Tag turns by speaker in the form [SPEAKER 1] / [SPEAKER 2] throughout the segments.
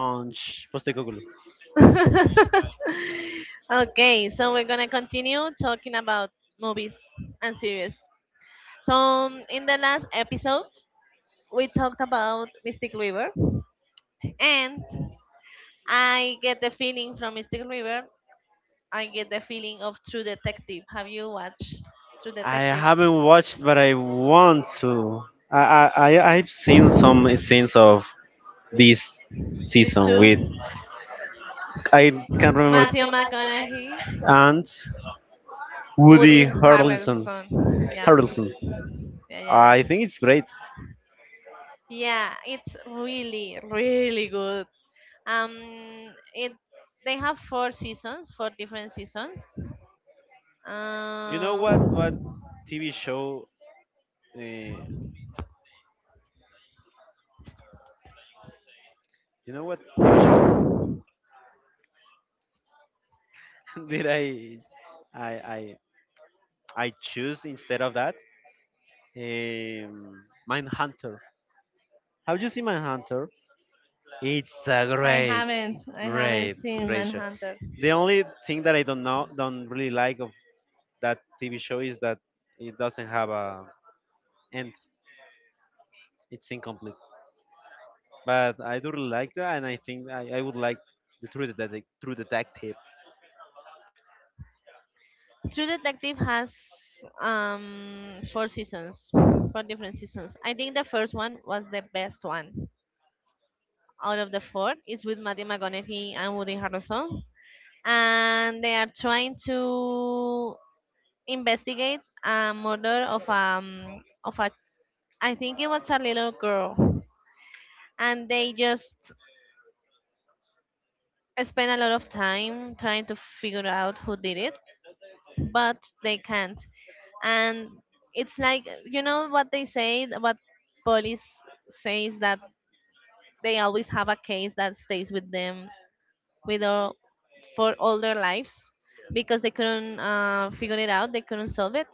[SPEAKER 1] Ansh Postekoglu.
[SPEAKER 2] Okay, so we're gonna continue talking about movies and series. So in the last episode, we talked about Mystic River, and I get the feeling from Mystic River. I get the feeling of True Detective. Have you watched True
[SPEAKER 1] I
[SPEAKER 2] Detective?
[SPEAKER 1] haven't watched, but I want to. I've seen some scenes of this
[SPEAKER 2] These
[SPEAKER 1] season with
[SPEAKER 2] two,
[SPEAKER 1] I can't remember
[SPEAKER 2] Matthew McConaughey
[SPEAKER 1] and
[SPEAKER 2] Woody
[SPEAKER 1] Woody Harrelson.
[SPEAKER 2] Harrelson. Yeah,
[SPEAKER 1] Harrelson.
[SPEAKER 2] yeah, yeah,
[SPEAKER 1] I
[SPEAKER 2] yeah.
[SPEAKER 1] think it's great.
[SPEAKER 2] Yeah, it's really, really good. Um, it they have four seasons, four different seasons.
[SPEAKER 1] You know what? What
[SPEAKER 2] Um,
[SPEAKER 1] TV show? Uh, you know what TV show did I I I choose instead of that um, Mindhunter. Have you seen Mindhunter? It's a great,
[SPEAKER 2] I haven't
[SPEAKER 1] great,
[SPEAKER 2] seen
[SPEAKER 1] great show.
[SPEAKER 2] Manhunter.
[SPEAKER 1] The only thing that I don't know, don't really like of that TV show is that it doesn't have a end. It's incomplete. But I do really like that, and I think I would like the True Detective. True Detective.
[SPEAKER 2] True Detective has four seasons, four different seasons. I think the first one was the best one out of the four. It's with Matthew McConaughey and Woody Harrelson, and they are trying to investigate a murder of a, I think it was a little girl, and they just spend a lot of time trying to figure out who did it, but they can't. And it's like you know what they say, what police says, that they always have a case that stays with them with all, for all their lives because they couldn't figure it out, they couldn't solve it.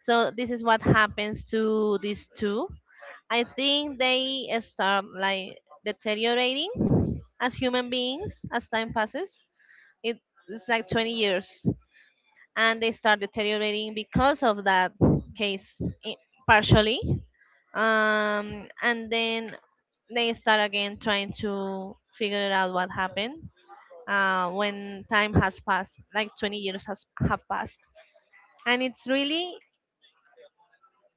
[SPEAKER 2] So this is what happens to these two. I think they start like deteriorating as human beings as time passes. It, it's like 20 years, and they start deteriorating because of that case i- partially. And then they start again trying to figure it out what happened when time has passed, like 20 years has have passed, and it's really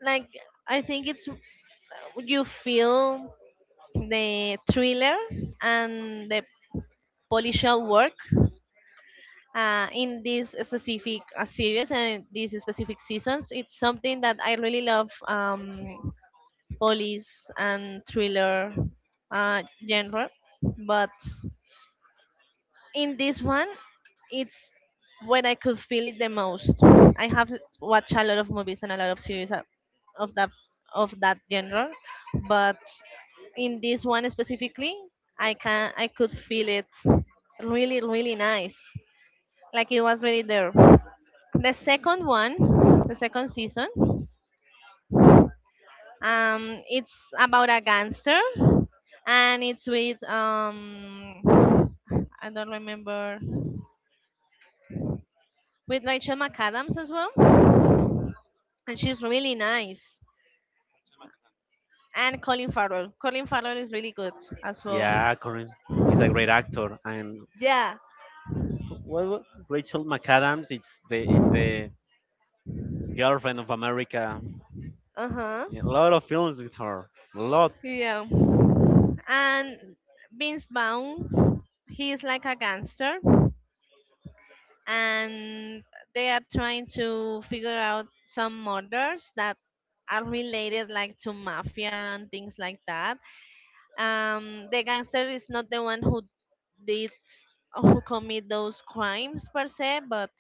[SPEAKER 2] like I think it's you feel the thriller and the policial work in this specific series and these specific seasons. It's something that I really love. Police and thriller uh, genre, but in this one, it's when I could feel it the most. I have watched a lot of movies and a lot of series of that, of that genre, but in this one specifically I could feel it really, really nice, like it was really there. the second one the second season, it's about a gangster, and it's with I don't remember, with Rachel McAdams as well, and she's really nice. And Colin Farrell. Colin Farrell is really good as well.
[SPEAKER 1] Yeah, Corin is a great actor, and
[SPEAKER 2] Yeah.
[SPEAKER 1] well, Rachel McAdams. It's the Girlfriend of America.
[SPEAKER 2] Uh huh.
[SPEAKER 1] Yeah, a lot of films with her. A lot.
[SPEAKER 2] Yeah. And Vince Vaughn, he is like a gangster, and they are trying to figure out some murders that are related like to mafia and things like that. The gangster is not the one who did who commit those crimes per se, but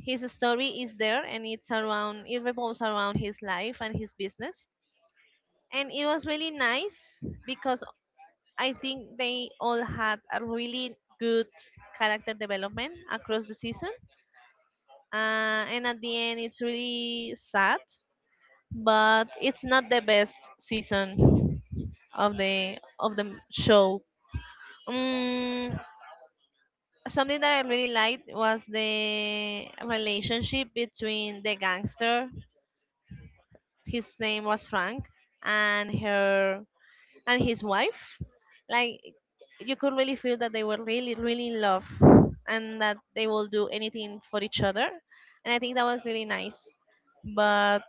[SPEAKER 2] his story is there and it revolves around his life and his business, and it was really nice because I think they all had a really good character development across the season, and at the end it's really sad, but it's not the best season of the show. um, Something that I really liked was the relationship between the gangster, his name was Frank, and her and his wife. Like, you could really feel that they were really, really in love and that they will do anything for each other, and I think that was really nice. But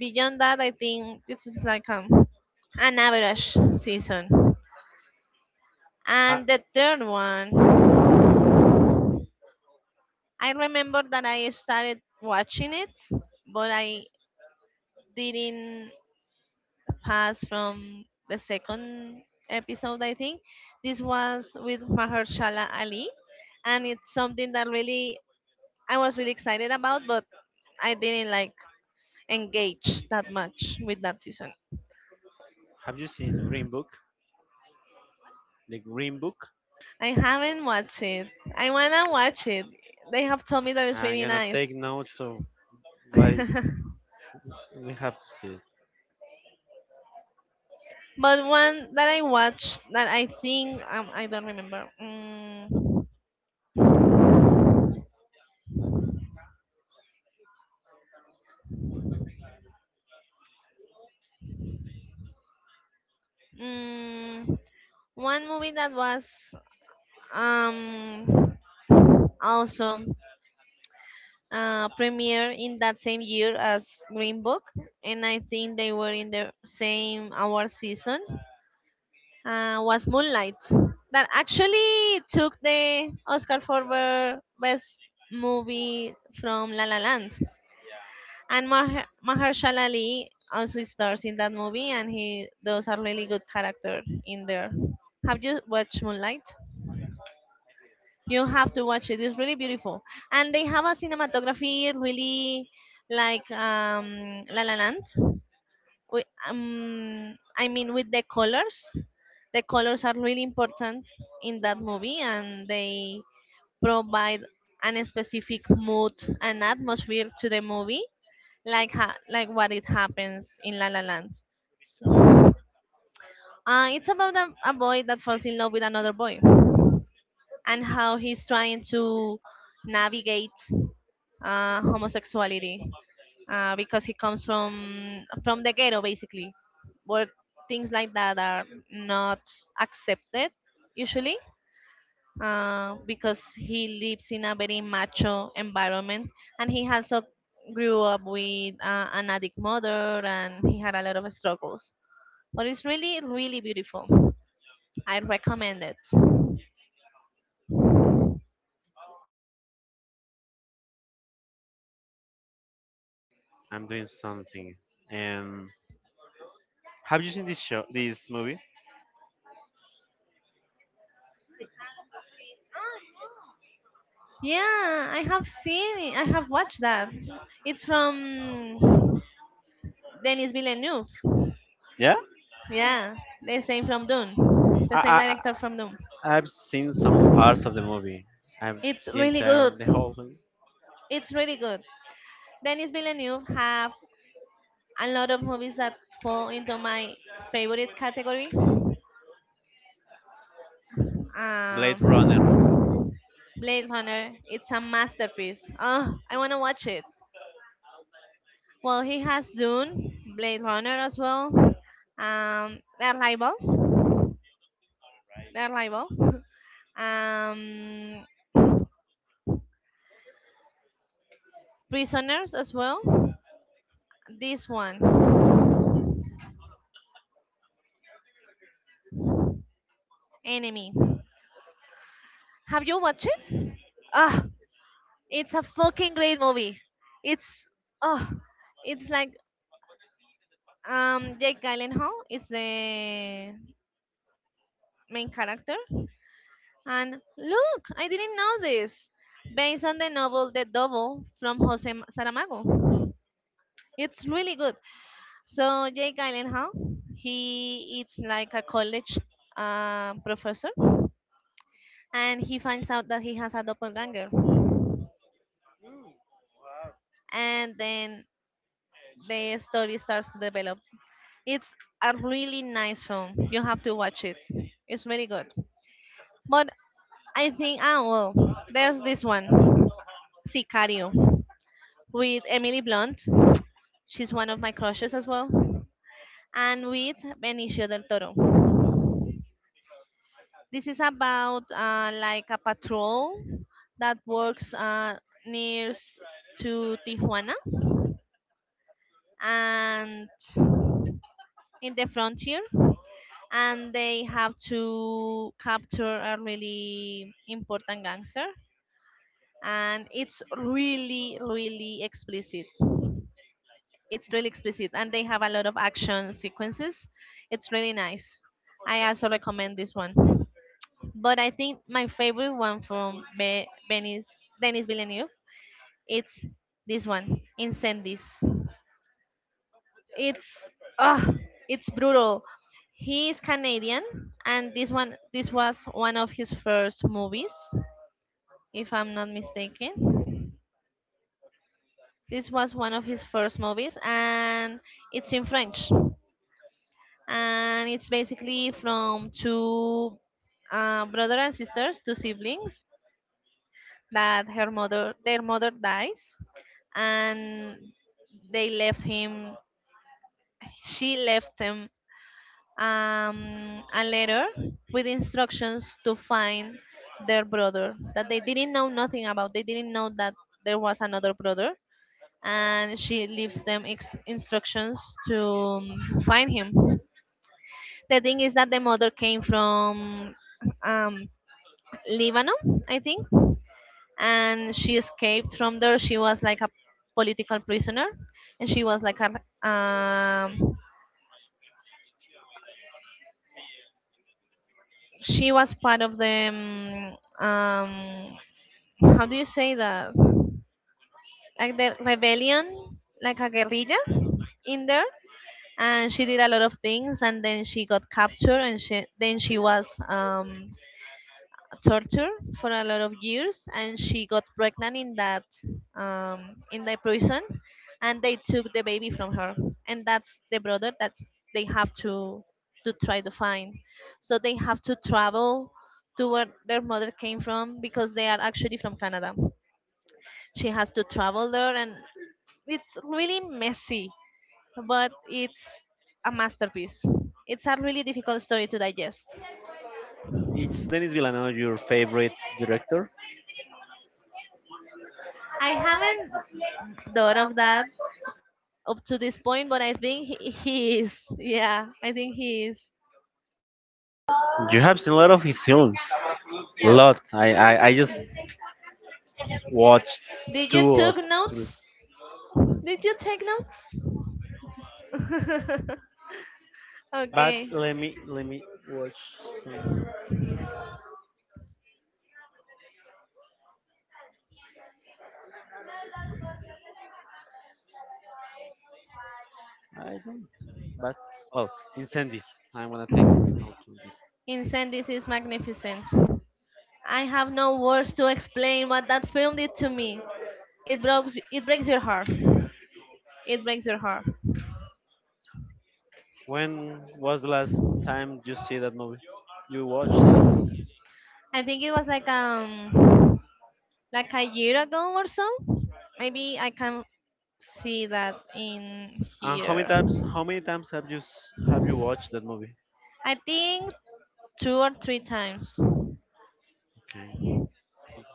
[SPEAKER 2] beyond that, I think this is like an average season.
[SPEAKER 1] Ha-
[SPEAKER 2] And the third one, I remember that I started watching it, but I didn't past from the second episode, I think. This was with Mahershala Ali, and it's something that really I was really excited about, but I didn't like engage that much with that season.
[SPEAKER 1] have you seen Green Book? The Green Book.
[SPEAKER 2] I haven't watched it. I wanna watch it. They have told me that it's
[SPEAKER 1] I'm
[SPEAKER 2] really
[SPEAKER 1] gonna take
[SPEAKER 2] nice.
[SPEAKER 1] notes of
[SPEAKER 2] But
[SPEAKER 1] what is. We have to see it.
[SPEAKER 2] one that I watched that I think, I don't remember. Mm, One movie that was um also premiered in that same year as Green Book, and I think they were in the same award season. Was Moonlight, that actually took the Oscar for the best movie from La La Land, and Mahershala Ali also stars in that movie, and he does a really good character in there. Have you watched Moonlight? You have to watch it. It's really beautiful, and they have a cinematography really like, La La Land. I mean, with the colors are really important in that movie, and they provide an specific mood and atmosphere to the movie, like like what it happens in La La Land. It's about a boy that falls in love with another boy and how he's trying to navigate homosexuality because he comes from the ghetto basically, where things like that are not accepted usually, because he lives in a very macho environment, and he also grew up with an addict mother, and he had a lot of struggles, but it's really, really beautiful. I recommend it.
[SPEAKER 1] I'm doing something. And have you seen this show? This movie?
[SPEAKER 2] Yeah, I have seen it. I have watched that. It's from Denis Villeneuve.
[SPEAKER 1] Yeah.
[SPEAKER 2] Yeah, the same from Dune,
[SPEAKER 1] I,
[SPEAKER 2] the same director from Dune.
[SPEAKER 1] I I- I've seen some parts of the movie. I've
[SPEAKER 2] It's
[SPEAKER 1] the
[SPEAKER 2] really good.
[SPEAKER 1] entire the whole thing.
[SPEAKER 2] It's really good. Denis Villeneuve have a lot of movies that fall into my favorite category.
[SPEAKER 1] Blade
[SPEAKER 2] Um,
[SPEAKER 1] Runner.
[SPEAKER 2] Blade Runner, it's a masterpiece. Oh, I wanna watch it. Well, he has Dune, Blade Runner as well. The Arrival, The Arrival. Um, Prisoners as well. This one, Enemy. Have you watched it? Ah, it's a fucking great movie. It's oh, it's like, Jake Gyllenhaal is the main character, and look, I didn't know this. Based on the novel The Double from Saramago, it's really good. So Jake Gyllenhaal, he is like a college professor, and he finds out that he has a doppelganger, and then the story starts to develop. It's a really nice film. You have to watch it. It's really good. But I think, ah, well, there's this one, Sicario, with Emily Blunt. She's one of my crushes as well. And with Benicio del Toro. This is about like a patrol that works near to Tijuana and in the frontier, and they have to capture a really important gangster, and it's really, really explicit. It's really explicit, and they have a lot of action sequences. It's really nice. I also recommend this one. But I think my favorite one from Denis Villeneuve, it's this one, Incendies. It's, ah, it's brutal. He is Canadian, and this was one of his first movies, if I'm not mistaken. This was one of his first movies, and it's in French, and it's basically from two brother and sisters, two siblings, that her mother their mother dies, and they left him. she left them a letter with instructions to find their brother that they didn't know nothing about. They didn't know that there was another brother, and she leaves them instructions to find him. The thing is that the mother came from um, Lebanon, I think, and she escaped from there. She was like a political prisoner, and she was like a she was part of the how do you say that, like the rebellion, like a guerrilla in there, and she did a lot of things, and then she got captured, and she then she was tortured for a lot of years, and she got pregnant in that in the prison, and they took the baby from her, and that's the brother that they have to try to find. So they have to travel to where their mother came from, because they are actually from Canada. She has to travel there, and it's really messy, but it's a masterpiece. It's a really difficult story to digest.
[SPEAKER 1] It's Denis Villeneuve your favorite director?
[SPEAKER 2] I haven't thought of that up to this point, but I think he is. Yeah, I think he is.
[SPEAKER 1] You have seen a lot of his films. A lot. I just watched
[SPEAKER 2] Did you
[SPEAKER 1] two or
[SPEAKER 2] took
[SPEAKER 1] three.
[SPEAKER 2] notes? Did you take notes?
[SPEAKER 1] But
[SPEAKER 2] Okay.
[SPEAKER 1] let me watch something. I don't see. But well, incendies. I'm gonna take note of this.
[SPEAKER 2] Incendies is magnificent. I have no words to explain what that film did to me. It breaks your heart. It breaks your heart.
[SPEAKER 1] When was the last time you see that movie? You watched that movie?
[SPEAKER 2] I think it was like a year ago or so. Maybe I can see that in
[SPEAKER 1] And
[SPEAKER 2] here.
[SPEAKER 1] how many times have you have you watched that movie?
[SPEAKER 2] I think two or three times.
[SPEAKER 1] Okay.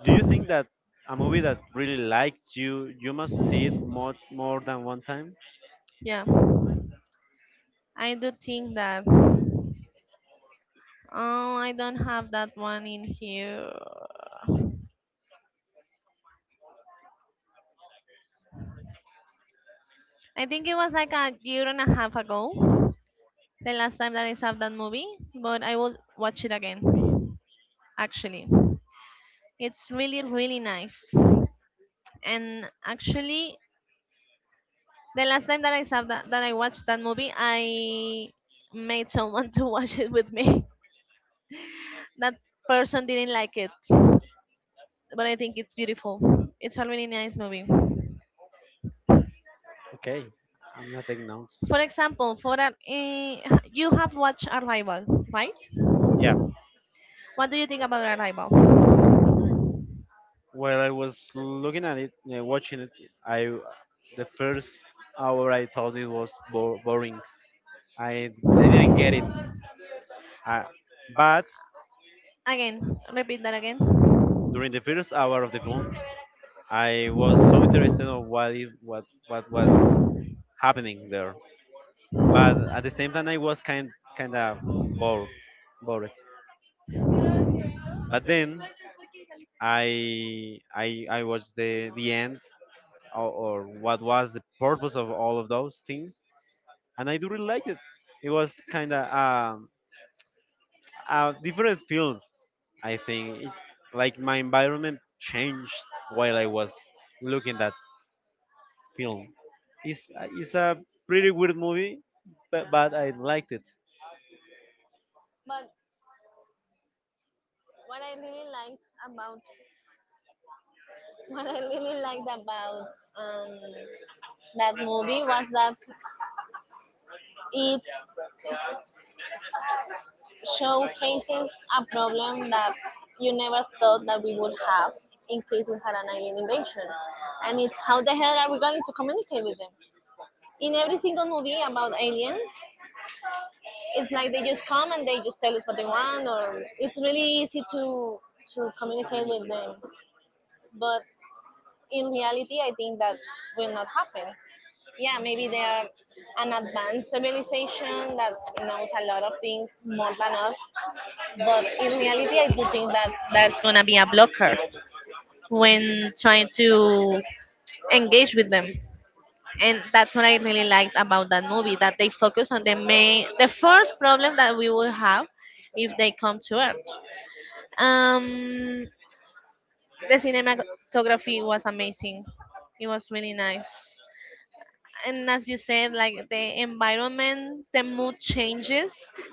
[SPEAKER 1] Do you think that a movie that really liked you you must see it more than one time?
[SPEAKER 2] Yeah, I do think that. Oh, I don't have that one in here. I think it was like a year and a half ago, the last time that I saw that movie, but I will watch it again. Actually, it's really, really nice. And actually, the last time that I saw that, that I watched that movie, I made someone to watch it with me. That person didn't like it, but I think it's beautiful. It's a really nice movie.
[SPEAKER 1] Okay. I'm not taking notes.
[SPEAKER 2] For example, for that, you have watched Arrival, right?
[SPEAKER 1] Yeah.
[SPEAKER 2] What do you think about Arrival?
[SPEAKER 1] While I was looking at it, watching it, I the first hour I thought it was boring. I I didn't get it. I, but
[SPEAKER 2] Again, repeat that again.
[SPEAKER 1] during the first hour of the film, I was so interested on what was happening there. But at the same time, I was kind of bored, bored. But then I watched the end or what was the purpose of all of those things, and I do really like it. It was kind of a different film, I think. It, like my environment changed while I was looking that film. It's it's a pretty weird movie, but I liked it.
[SPEAKER 2] But what I really liked about what I really liked about, um, that movie was that it showcases a problem that you never thought that we would have in case we had an alien invasion. And it's how the hell are we going to communicate with them? In every single movie about aliens, it's like they just come and they just tell us what they want, or it's really easy to communicate with them. But in reality, I think that will not happen. Yeah, maybe they are an advanced civilization that knows a lot of things more than us. But in reality, I do think that that's gonna be a blocker when trying to engage with them. And that's what I really liked about that movie, that they focus on the first problem that we will have if they come to Earth. Um, the cinematography was amazing. It was really nice. And as you said, like, the environment, the mood changes,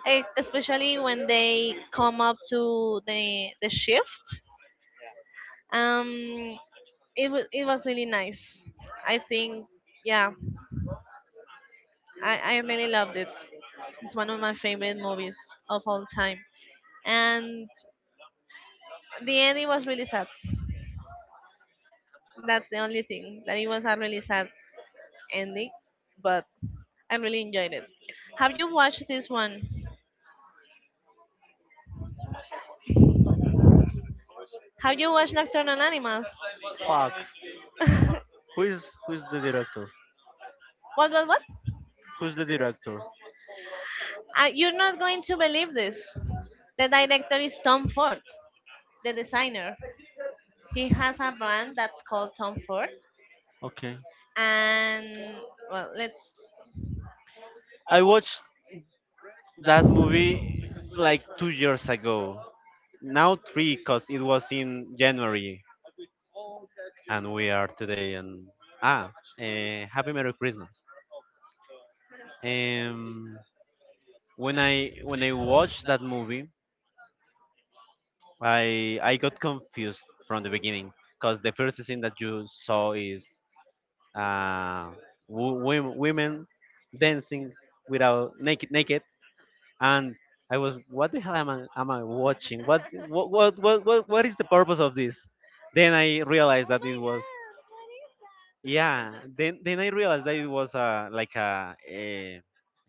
[SPEAKER 2] especially when they come up to the shift. um it was really nice, I think. Yeah, I really loved it. It's one of my favorite movies of all time. And the ending was really sad. That's the only thing, that it was a really sad ending. But I really enjoyed it. Have you watched this one? Have you watched Nocturnal Animals?
[SPEAKER 1] Fuck.
[SPEAKER 2] What,
[SPEAKER 1] Who is the director?
[SPEAKER 2] what, what?
[SPEAKER 1] Who's the director?
[SPEAKER 2] You're not going to believe this. The director is Tom Ford, the designer. He has a brand that's called Tom Ford,
[SPEAKER 1] Okay.
[SPEAKER 2] and well, let's.
[SPEAKER 1] I watched that movie like 2 years ago. Now three, cause it was in January, and we are today. And ah, happy Merry Christmas. Um, when I watched that movie, I got confused from the beginning, cause the first scene that you saw is uh, wo- women dancing without naked and I was, what the hell am am I watching? What is the purpose of this? Then I realized that it was, yeah. Then I realized that it was like a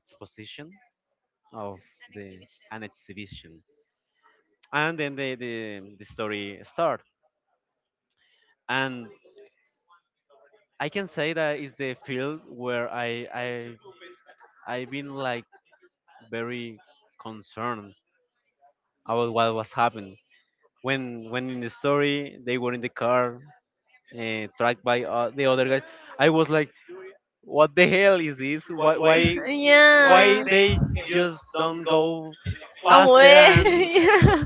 [SPEAKER 1] exposition of the an exhibition, and then the story starts. And I can say that is the field where I I've been like very concerned about what was happening when in the story they were in the car tracked by the other guys. I was like, what the hell is this? Why
[SPEAKER 2] Why?
[SPEAKER 1] why
[SPEAKER 2] Yeah.
[SPEAKER 1] why they just don't go faster?
[SPEAKER 2] Away.
[SPEAKER 1] And
[SPEAKER 2] Yeah.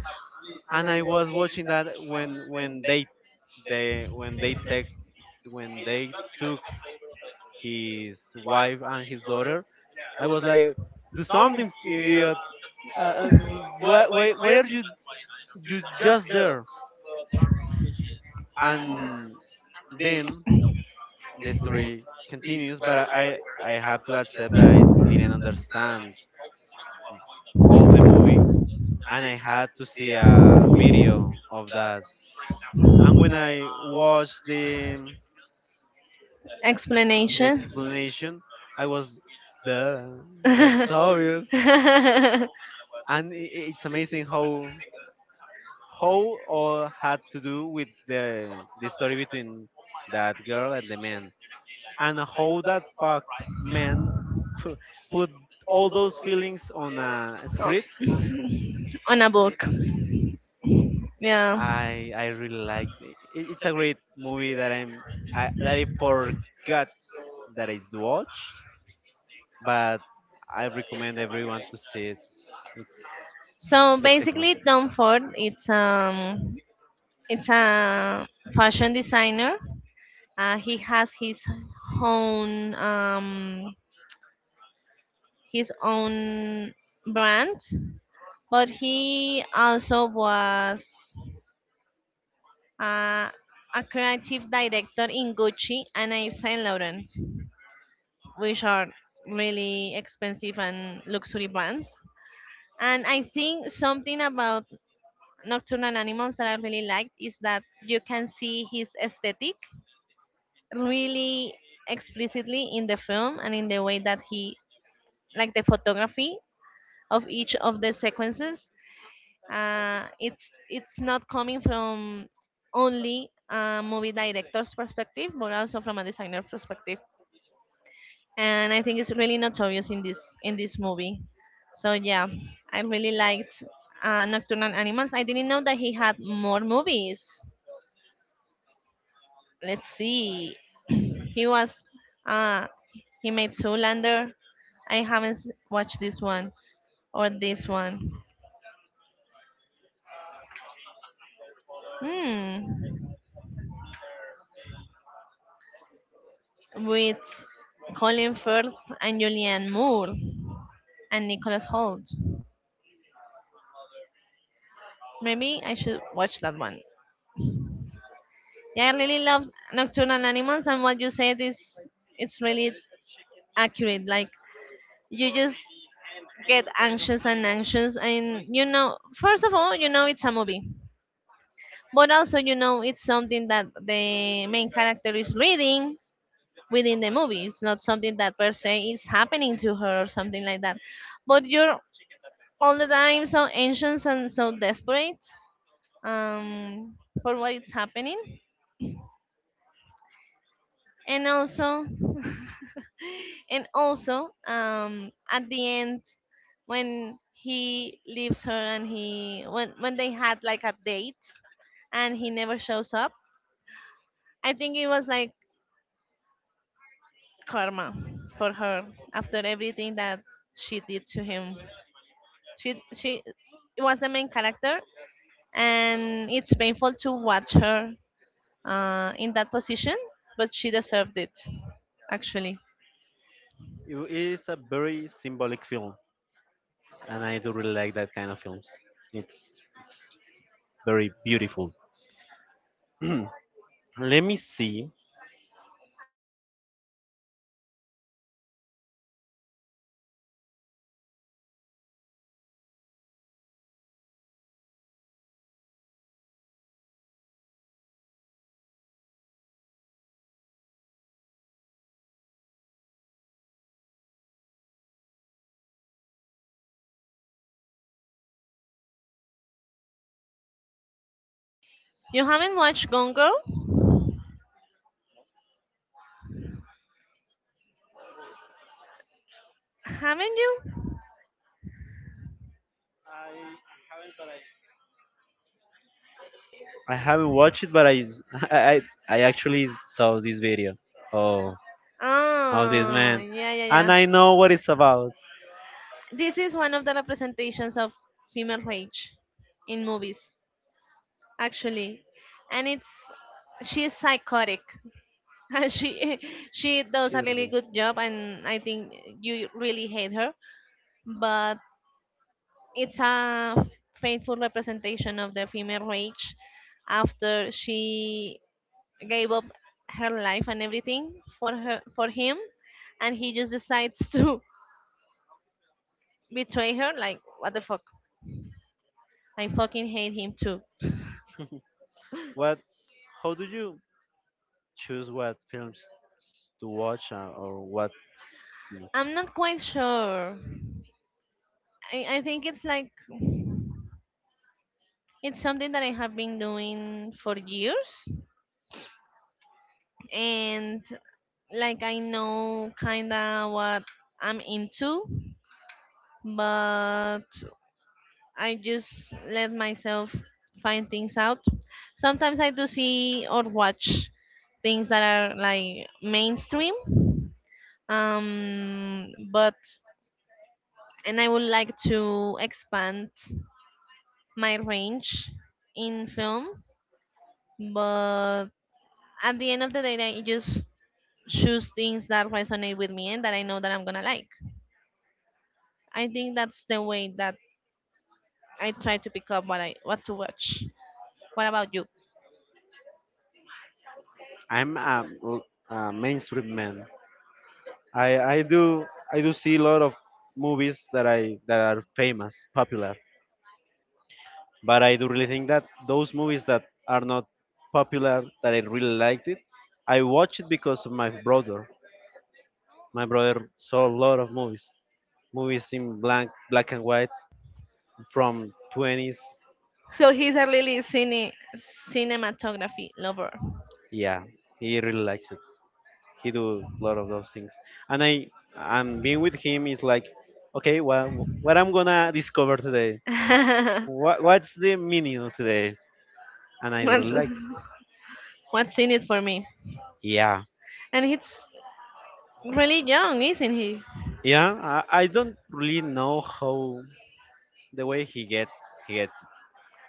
[SPEAKER 1] I was watching that when they they when they take when they took his wife and his daughter. I was like, do something, idiot! Why, why are you just there? And then the story continues, but I I have to accept that I didn't understand all the movie, and I had to see a video of that. And when I watched the
[SPEAKER 2] Explanation.
[SPEAKER 1] explanation, I was duh, that's
[SPEAKER 2] No,
[SPEAKER 1] obvious, and it's amazing how all had to do with the story between that girl and the man, and how that fuck man pu- put all those feelings on a script.
[SPEAKER 2] on a book. Yeah.
[SPEAKER 1] I really liked it. It's a great movie that I forgot that I watched, but I recommend everyone to see it's, it's
[SPEAKER 2] So
[SPEAKER 1] spectacular.
[SPEAKER 2] basically, Tom Ford, it's a fashion designer. He has own um, his own brand, but he also was uh, a creative director in Gucci and Yves Saint Laurent, which are really expensive and luxury brands. And I think something about Nocturnal Animals that I really liked is that you can see his aesthetic really explicitly in the film and in the way that he, like the photography of each of the sequences. Uh, it's it's not coming from only a movie director's perspective, but also from a designer perspective. And I think it's really notorious in this movie. So yeah, I really liked Nocturnal Animals. I didn't know that he had more movies. Let's see, he was uh, he made Zoolander. I haven't watched this one or this one. Hmm, with Colin Firth and Julianne Moore and Nicholas Holt. Maybe I should watch that one. Yeah, I really love Nocturnal Animals, and what you said is it's really accurate. Like, you just get anxious and anxious, and you know, first of all, you know it's a movie, but also you know it's something that the main character is reading within the movie. It's not something that per se is happening to her or something like that. But you're all the time so anxious and so desperate, um, for what is happening. And also and also at the end, when he leaves her and he when they had like a date and he never shows up, I think it was like karma for her, after everything that she did to him. She it was the main character, and it's painful to watch her in that position, but she deserved it, actually.
[SPEAKER 1] It is a very symbolic film, and I do really like that kind of films. It's very beautiful. Let me see.
[SPEAKER 2] You haven't watched Gone Girl, haven't you?
[SPEAKER 1] I haven't watched it, but I I actually saw this video. Oh, of this
[SPEAKER 2] Oh,
[SPEAKER 1] man,
[SPEAKER 2] yeah, yeah,
[SPEAKER 1] and I know what
[SPEAKER 2] yeah.
[SPEAKER 1] it's about.
[SPEAKER 2] This is one of the representations of female rage in movies, actually, and it's she is psychotic, and she she does a really
[SPEAKER 1] Shirley.
[SPEAKER 2] good job, and I think you really hate her, but it's a faithful representation of the female rage after she gave up her life and everything for her for him, and he just decides to betray her, like what the fuck? I fucking hate him too.
[SPEAKER 1] What? How do you choose what films to watch, or what?
[SPEAKER 2] I'm not quite sure. I think it's like it's something that I have been doing for years, and like I know kinda what I'm into, but I just let myself find things out. Sometimes I do see or watch things that are like mainstream, um but, and I would like to expand my range in film, but at the end of the day, I just choose things that resonate with me and that I know that I'm gonna like. I think that's the way that I try to pick up what to watch. What about you?
[SPEAKER 1] I'm a mainstream man. I I do I do see a lot of movies that I that are famous, popular. But I do really think that those movies that are not popular, that I really liked it, I watch it because of my brother. My brother saw a lot of movies, movies in black and white from 20s.
[SPEAKER 2] So he's a really cinematography lover.
[SPEAKER 1] Yeah, he really likes it. He do a lot of those things, and I and being with him is like, okay, well, what I'm gonna discover today? What what's the meaning of today? And I
[SPEAKER 2] what's
[SPEAKER 1] really like.
[SPEAKER 2] what's in it for me?
[SPEAKER 1] Yeah,
[SPEAKER 2] And he's really young, isn't he?
[SPEAKER 1] yeah. I don't really know how the way he gets he gets it.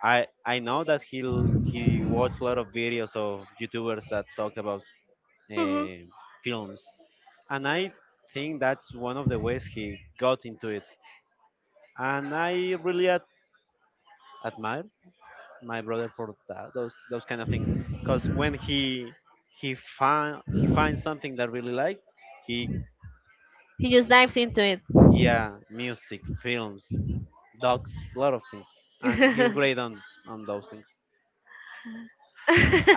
[SPEAKER 1] I know that he watched a lot of videos of YouTubers that talk about
[SPEAKER 2] Mhm.
[SPEAKER 1] uh, films, and I think that's one of the ways he got into it. And I really admire my brother for that, those kind of things, because when he find he finds something that really like he
[SPEAKER 2] He just dives into it.
[SPEAKER 1] yeah, music, films, dogs, a lot of things, and he's great on those things.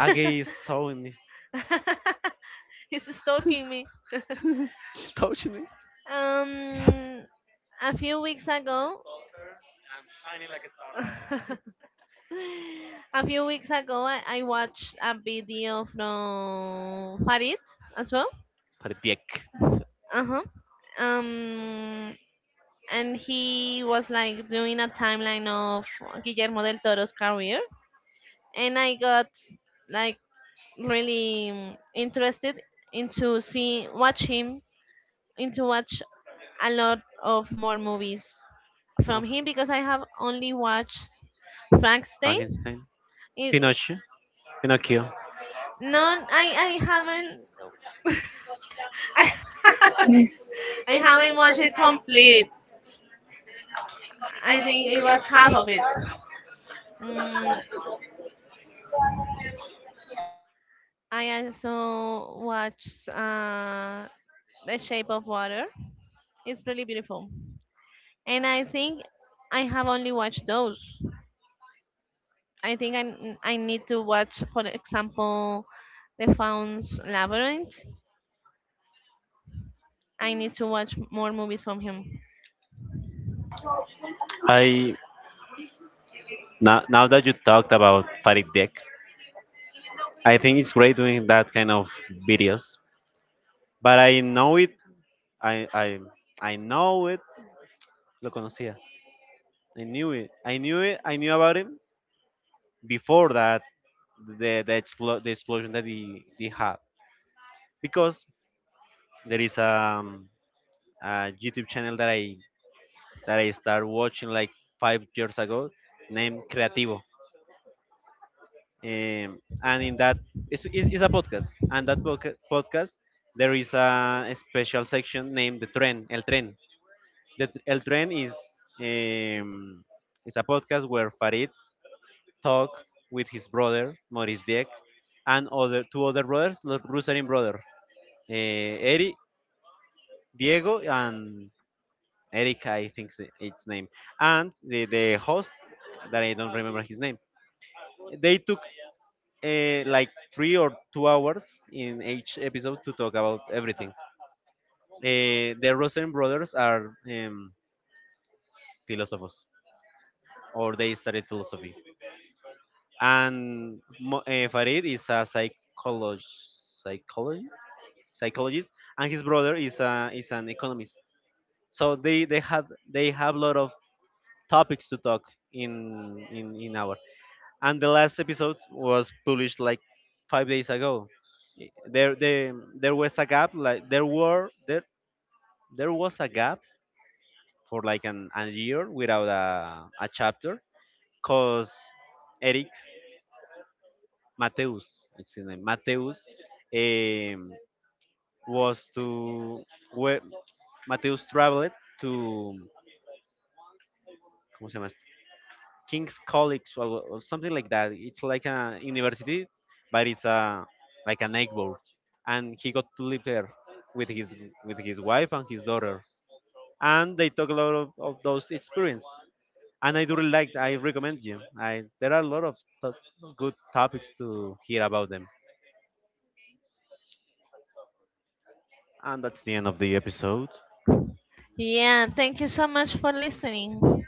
[SPEAKER 1] Age is so in me.
[SPEAKER 2] He's stalking me.
[SPEAKER 1] He's touching me.
[SPEAKER 2] Um, a few weeks ago. A few weeks ago, I watched a video from Farid as well.
[SPEAKER 1] Parbiek
[SPEAKER 2] Uh huh. Um, and he was like doing a timeline of Guillermo del Toro's career, and I got like really interested into see watch him into watch a lot of more movies from
[SPEAKER 1] of
[SPEAKER 2] him, because I have only watched Frankenstein.
[SPEAKER 1] Frankenstein,
[SPEAKER 2] It, it-
[SPEAKER 1] Pinocchio, Pinocchio.
[SPEAKER 2] no, I haven't. I, I haven't watched it complete. I think it was half of it. Mm, I also watched The Shape of Water. It's really beautiful, and I think I have only watched those. I think I need to watch, for example, The Founds Labyrinth. I need to watch more movies from him.
[SPEAKER 1] I now, that you talked about Farid, I think it's great doing that kind of videos. But I know it. I I I know it. Lo conocía. I knew it. I knew about him before that the explosion that he had, because there is a YouTube channel that I started watching like 5 years ago, named Creativo, and in that it's a podcast, and that podcast there is a special section named the Tren, El Tren. El Tren um, is a podcast where Farid talk with his brother Maurice Dieck and other brothers, the Rusarin brother, uh, Eri, Diego, and Erika, I think its name, and the host that I don't remember his name. They took like 3 or 2 hours in each episode to talk about everything. The Rosen brothers are philosophers, or they studied philosophy, and Farid is a psychologist, and his brother is is an economist. So they have a lot of topics to talk in hour. And the last episode was published like 5 days ago. There, there was a gap. Like there was a gap for like an a year without a chapter, cause Eric Mateus, it's his name, Mateus, um, was to where Mateus traveled to. ¿Cómo se llama? King's College or something like that. It's like a university, but it's a like a neighborhood. And he got to live there with his with his wife and his daughter. And they talk a lot of those experience. And I do really like. I recommend you. I there are a lot of to- good topics to hear about them. And that's the end of the episode.
[SPEAKER 2] Yeah, thank you so much for listening.